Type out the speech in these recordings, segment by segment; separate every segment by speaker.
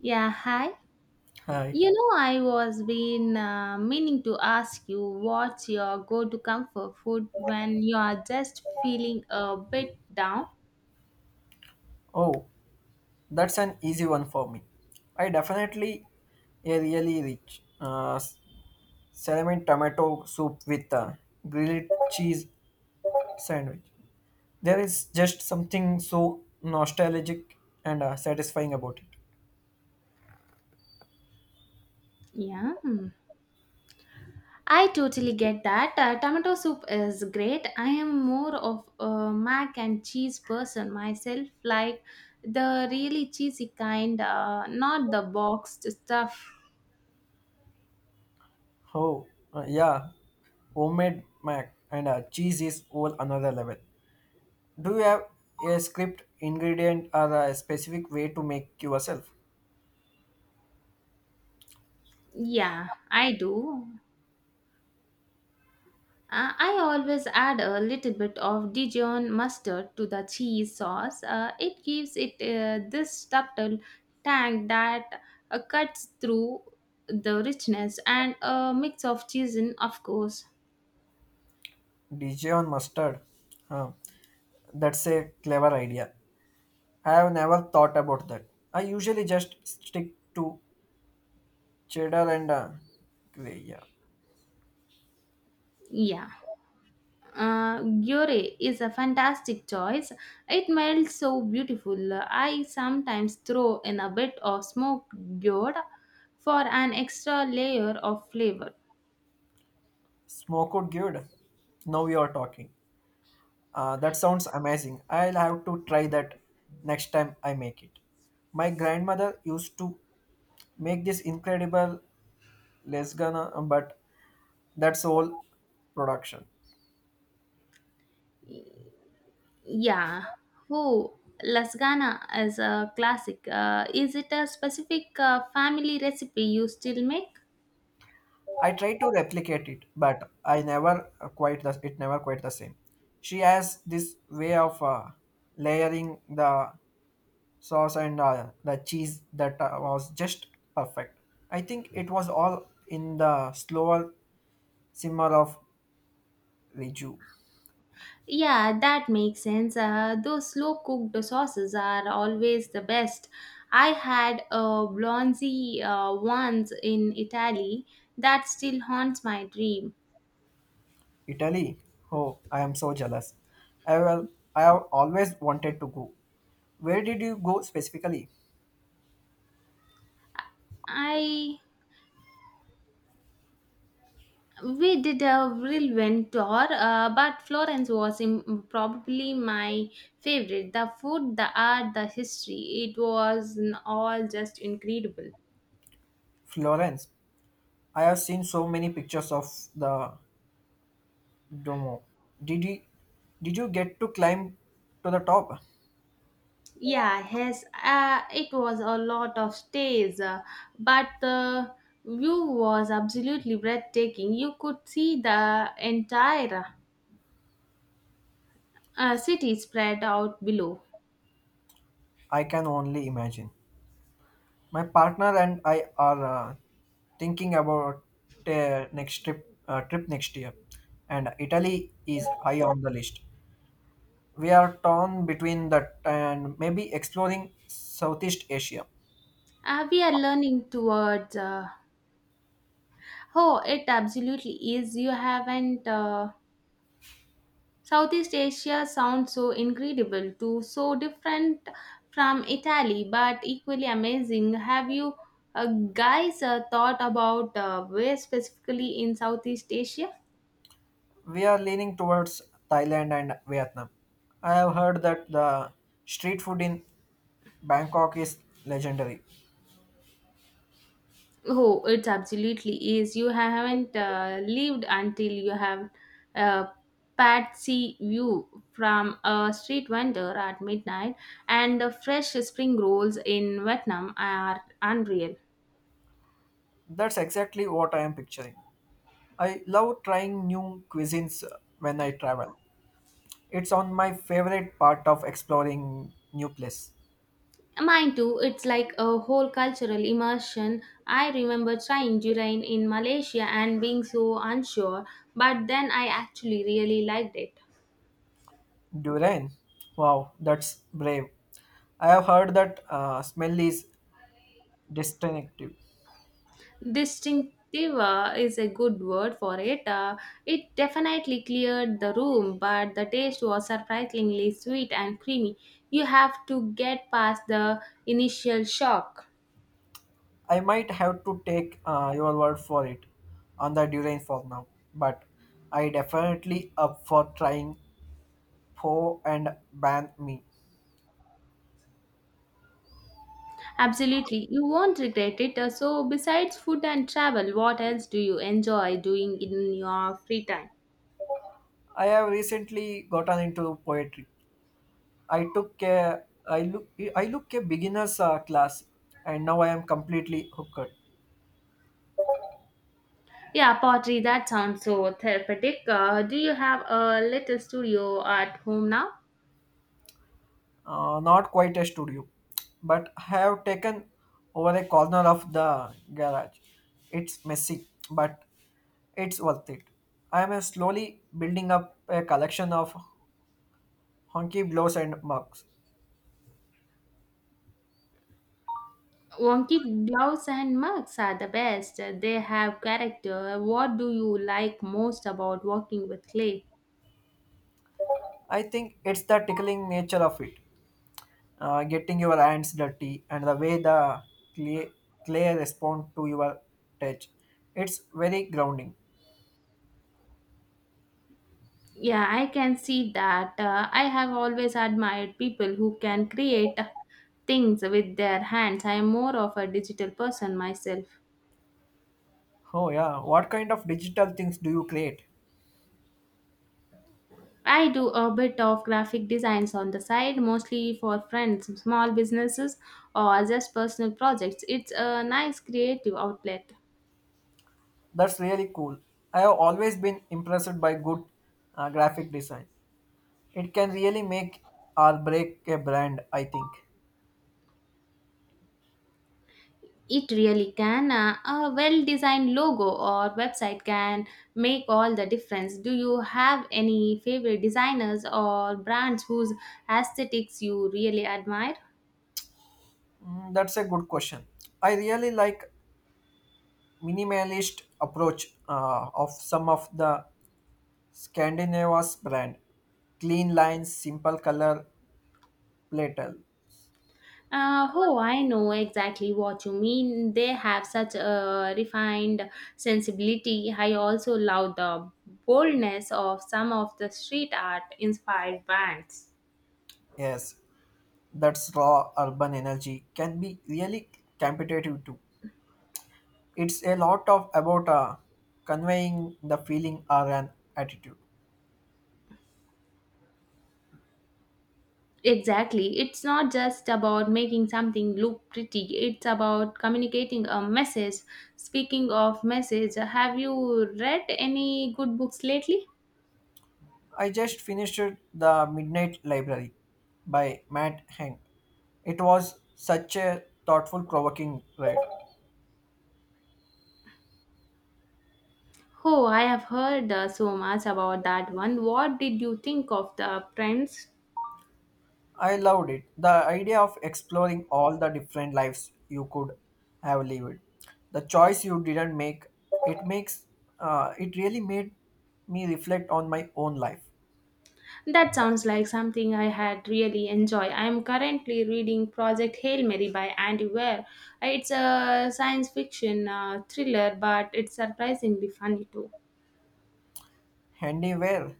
Speaker 1: Yeah, hi.
Speaker 2: Hi.
Speaker 1: I was been meaning to ask you what's your go-to comfort food when you are just feeling a bit down?
Speaker 2: Oh, that's an easy one for me. I definitely a really rich cinnamon tomato soup with a grilled cheese sandwich. There is just something so nostalgic and satisfying about it.
Speaker 1: Yeah. Hmm. I totally get that. Tomato soup is great. I am more of a mac and cheese person myself, like the really cheesy kind, not the boxed stuff.
Speaker 2: Oh, uh, yeah, Homemade mac and cheese is all another level. Do you have a script ingredient or a specific way to make yourself?
Speaker 1: Yeah, I do. I always add a little bit of Dijon mustard to the cheese sauce. It gives it this subtle tang that cuts through the richness and a mix of cheese in, of course.
Speaker 2: Dijon mustard. Huh. That's a clever idea. I have never thought about that. I usually just stick to cheddar and gray. Yeah.
Speaker 1: Yeah. Gyore is a fantastic choice. It melts so beautiful. I sometimes throw in a bit of smoked gyore for an extra layer of flavor.
Speaker 2: Smoke would good. Now we are talking. That sounds amazing. I'll have to try that next time I make it. My grandmother used to make this incredible lasagna, but that's all production.
Speaker 1: Yeah. Oh, lasagna is a classic. Is it a specific family recipe you still make?
Speaker 2: I tried to replicate it, but I never quite the it never quite the same. She has this way of layering the sauce and the cheese that was just perfect. I think it was all in the slower simmer of Reggio,
Speaker 1: Yeah, that makes sense. Those slow cooked sauces are always the best. I had a Blonzi once in Italy that still haunts my dream.
Speaker 2: Italy. Oh, I am so jealous. I will. I have always wanted to go. Where did you go specifically?
Speaker 1: I We did a whirlwind tour, but Florence was probably my favorite. The food, the art, the history, it was all just incredible.
Speaker 2: Florence. I have seen so many pictures of the Domo, did you, did you get to climb to the top?
Speaker 1: Yeah, yes, it was a lot of stays, but the view was absolutely breathtaking. You could see the entire city spread out below.
Speaker 2: I can only imagine. My partner and I are uh, thinking about next trip trip next year, and Italy is high on the list. We are torn between that and maybe exploring Southeast Asia.
Speaker 1: We are learning towards. Oh, it absolutely is. You haven't. Southeast Asia sounds so incredible too, so different from Italy, but equally amazing. Have you uh, guys thought about where specifically in Southeast Asia?
Speaker 2: We are leaning towards Thailand and Vietnam. I have heard that the street food in Bangkok is legendary.
Speaker 1: Oh, it absolutely is. You haven't lived until you have a patsy view from a street vendor at midnight, and the fresh spring rolls in Vietnam are unreal.
Speaker 2: That's exactly what I am picturing. I love trying new cuisines when I travel. It's on my favorite part of exploring new place.
Speaker 1: Mine too, it's like a whole cultural immersion. I remember trying durian in Malaysia and being so unsure, but then I actually really liked it.
Speaker 2: Durian. Wow, that's brave. I have heard that smell is distinctive.
Speaker 1: Distinctive is a good word for it. It definitely cleared the room, but the taste was surprisingly sweet and creamy. You have to get past the initial shock.
Speaker 2: I might have to take your word for it on the durian for now, but I definitely up for trying pho and ban me.
Speaker 1: Absolutely, you won't regret it. So, besides food and travel, what else do you enjoy doing in your free time?
Speaker 2: I have recently gotten into poetry, I took a I look I look a beginners class, and now I am completely hooked.
Speaker 1: Yeah, pottery, that sounds so therapeutic. Do you have a little studio at home now?
Speaker 2: Not quite a studio, but I have taken over a corner of the garage. It's messy, but it's worth it. I am slowly building up a collection of honky blows and mugs.
Speaker 1: Wonky gloves and mugs are the best. They have character. What do you like most about working with clay?
Speaker 2: I think it's the tickling nature of it. Getting your hands dirty and the way the clay, clay respond to your touch, it's very grounding.
Speaker 1: Yeah, I can see that. I have always admired people who can create things with their hands. I am more of a digital person myself.
Speaker 2: Oh yeah, what kind of digital things do you create?
Speaker 1: I do a bit of graphic designs on the side, mostly for friends, small businesses, or just personal projects. It's a nice creative outlet.
Speaker 2: That's really cool. I have always been impressed by good graphic design. It can really make or break a brand, I think.
Speaker 1: It really can. A well designed logo or website can make all the difference. Do you have any favorite designers or brands whose aesthetics you really admire?
Speaker 2: Mm, that's a good question. I really like minimalist approach of some of the Scandinavia's brand, clean lines, simple color, Platel.
Speaker 1: Oh, I know exactly what you mean. They have such a refined sensibility. I also love the boldness of some of the street art inspired bands.
Speaker 2: Yes, that's raw urban energy can be really competitive too. It's a lot of about conveying the feeling or an attitude.
Speaker 1: Exactly. It's not just about making something look pretty, it's about communicating a message. Speaking of message, have you read any good books lately?
Speaker 2: I just finished The Midnight Library by Matt Hank. It was such a thoughtful, provoking read.
Speaker 1: Oh, I have heard so much about that one. What did you think of the prince?
Speaker 2: I loved it. The idea of exploring all the different lives you could have lived. The choice you didn't make, it makes it really made me reflect on my own life.
Speaker 1: That sounds like something I had really enjoy. I am currently reading Project Hail Mary by Andy Weir. It's a science fiction thriller, but it's surprisingly funny too.
Speaker 2: Handy where,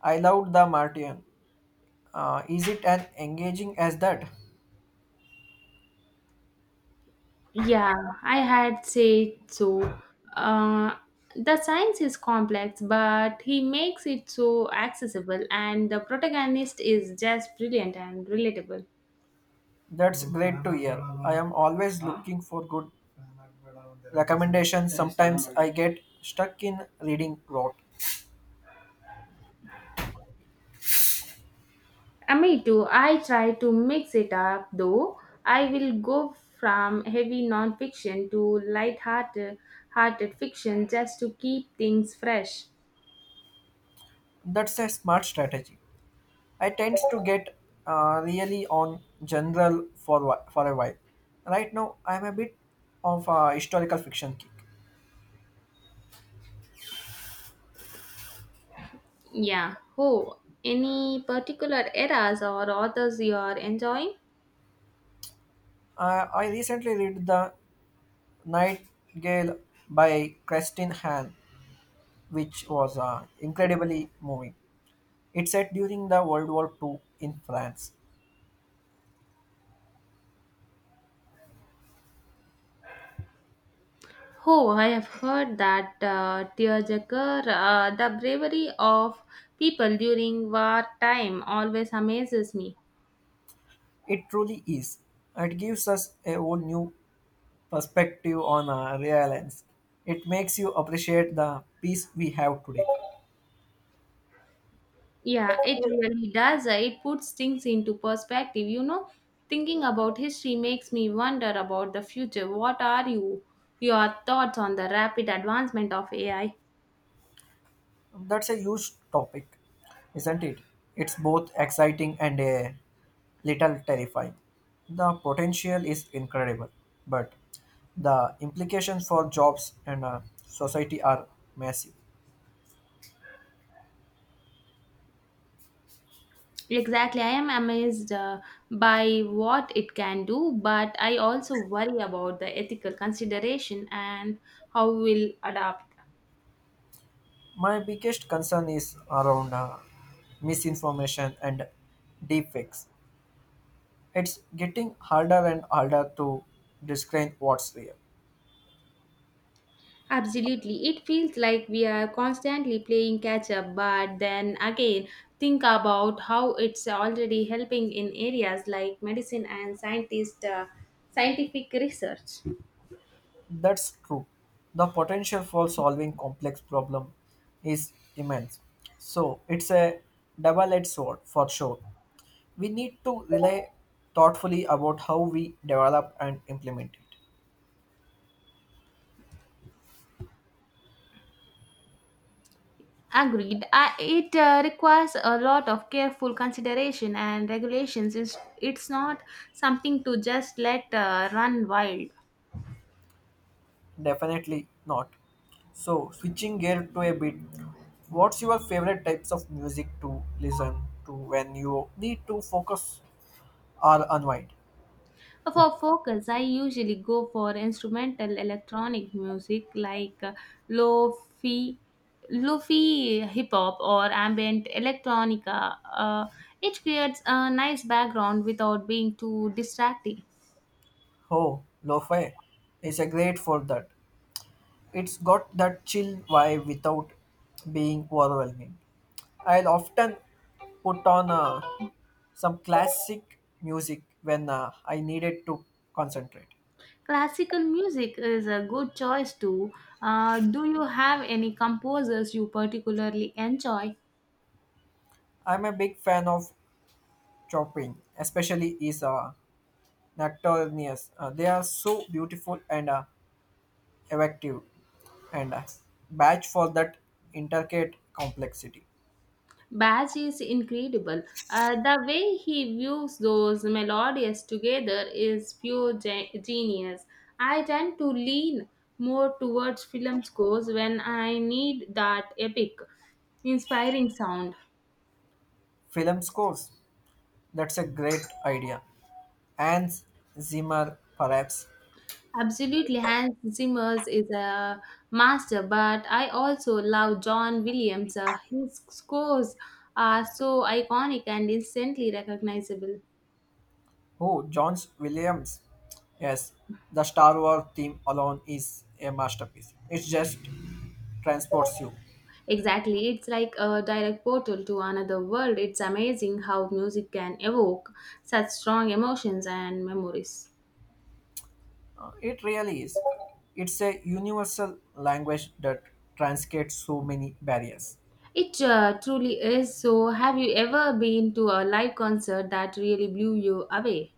Speaker 2: I loved The Martian. Is it as engaging as that?
Speaker 1: Yeah, I had said so. Uh, the science is complex, but he makes it so accessible, and the protagonist is just brilliant and relatable.
Speaker 2: That's great to hear. I am always looking for good recommendations. Sometimes I get stuck in reading rot.
Speaker 1: Me too. I try to mix it up though. I will go from heavy nonfiction to light-hearted hearted fiction just to keep things fresh.
Speaker 2: That's a smart strategy. I tend to get really on general for for a while. Right now, I'm a bit of a historical fiction kick.
Speaker 1: Yeah. Oh, any particular eras or authors you are enjoying?
Speaker 2: I recently read The Nightingale by Kristin Hahn, which was incredibly moving. It's set during the World War II in France.
Speaker 1: Oh, I have heard that Tearjerker, the bravery of people during wartime always amazes me.
Speaker 2: It truly is. It gives us a whole new perspective on realence. It makes you appreciate the peace we have today.
Speaker 1: Yeah, it really does. It puts things into perspective. You know, thinking about history makes me wonder about the future. What are your thoughts on the rapid advancement of AI?
Speaker 2: That's a huge topic, isn't it? It's both exciting and a little terrifying. The potential is incredible, but the implications for jobs and society are massive.
Speaker 1: Exactly. I am amazed by what it can do, but I also worry about the ethical consideration and how we'll adapt.
Speaker 2: My biggest concern is around misinformation and deepfakes. It's getting harder and harder to discern what's real.
Speaker 1: Absolutely. It feels like we are constantly playing catch up, but then again, think about how it's already helping in areas like medicine and scientific research.
Speaker 2: That's true. The potential for solving complex problem is immense. So it's a double-edged sword for sure. We need to rely thoughtfully about how we develop and implement it.
Speaker 1: Agreed. It requires a lot of careful consideration and regulations. It's not something to just let run wild.
Speaker 2: Definitely not. So switching gear to a bit, what's your favorite types of music to listen to when you need to focus or unwind?
Speaker 1: For focus, I usually go for instrumental electronic music like lo-fi, lo-fi hip hop or ambient electronica. It creates a nice background without being too distracting.
Speaker 2: Oh, lo-fi is a great for that. It's got that chill vibe without being overwhelming. I'll often put on some classic music when I needed to concentrate.
Speaker 1: Classical music is a good choice too. Do you have any composers you particularly enjoy?
Speaker 2: I'm a big fan of chopping, especially is nocturnes. They are so beautiful and effective, and batch for that intricate complexity.
Speaker 1: Bach is incredible. The way he views those melodies together is pure genius. I tend to lean more towards film scores when I need that epic, inspiring sound.
Speaker 2: Film scores, that's a great idea. And Zimmer, perhaps.
Speaker 1: Absolutely, Hans Zimmer is a master, but I also love John Williams. His scores are so iconic and instantly recognizable.
Speaker 2: Oh, John Williams. Yes, the Star Wars theme alone is a masterpiece. It just transports you.
Speaker 1: Exactly, it's like a direct portal to another world. It's amazing how music can evoke such strong emotions and memories.
Speaker 2: It really is. It's a universal language that transcends so many barriers.
Speaker 1: It truly is. So, have you ever been to a live concert that really blew you away?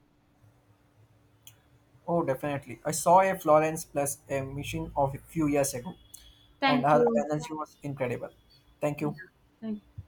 Speaker 2: Oh, definitely. I saw a Florence plus a machine of a few years ago, and
Speaker 1: Thank
Speaker 2: her
Speaker 1: you.
Speaker 2: energy was incredible. Thank
Speaker 1: Yeah,
Speaker 2: you.
Speaker 1: thank you.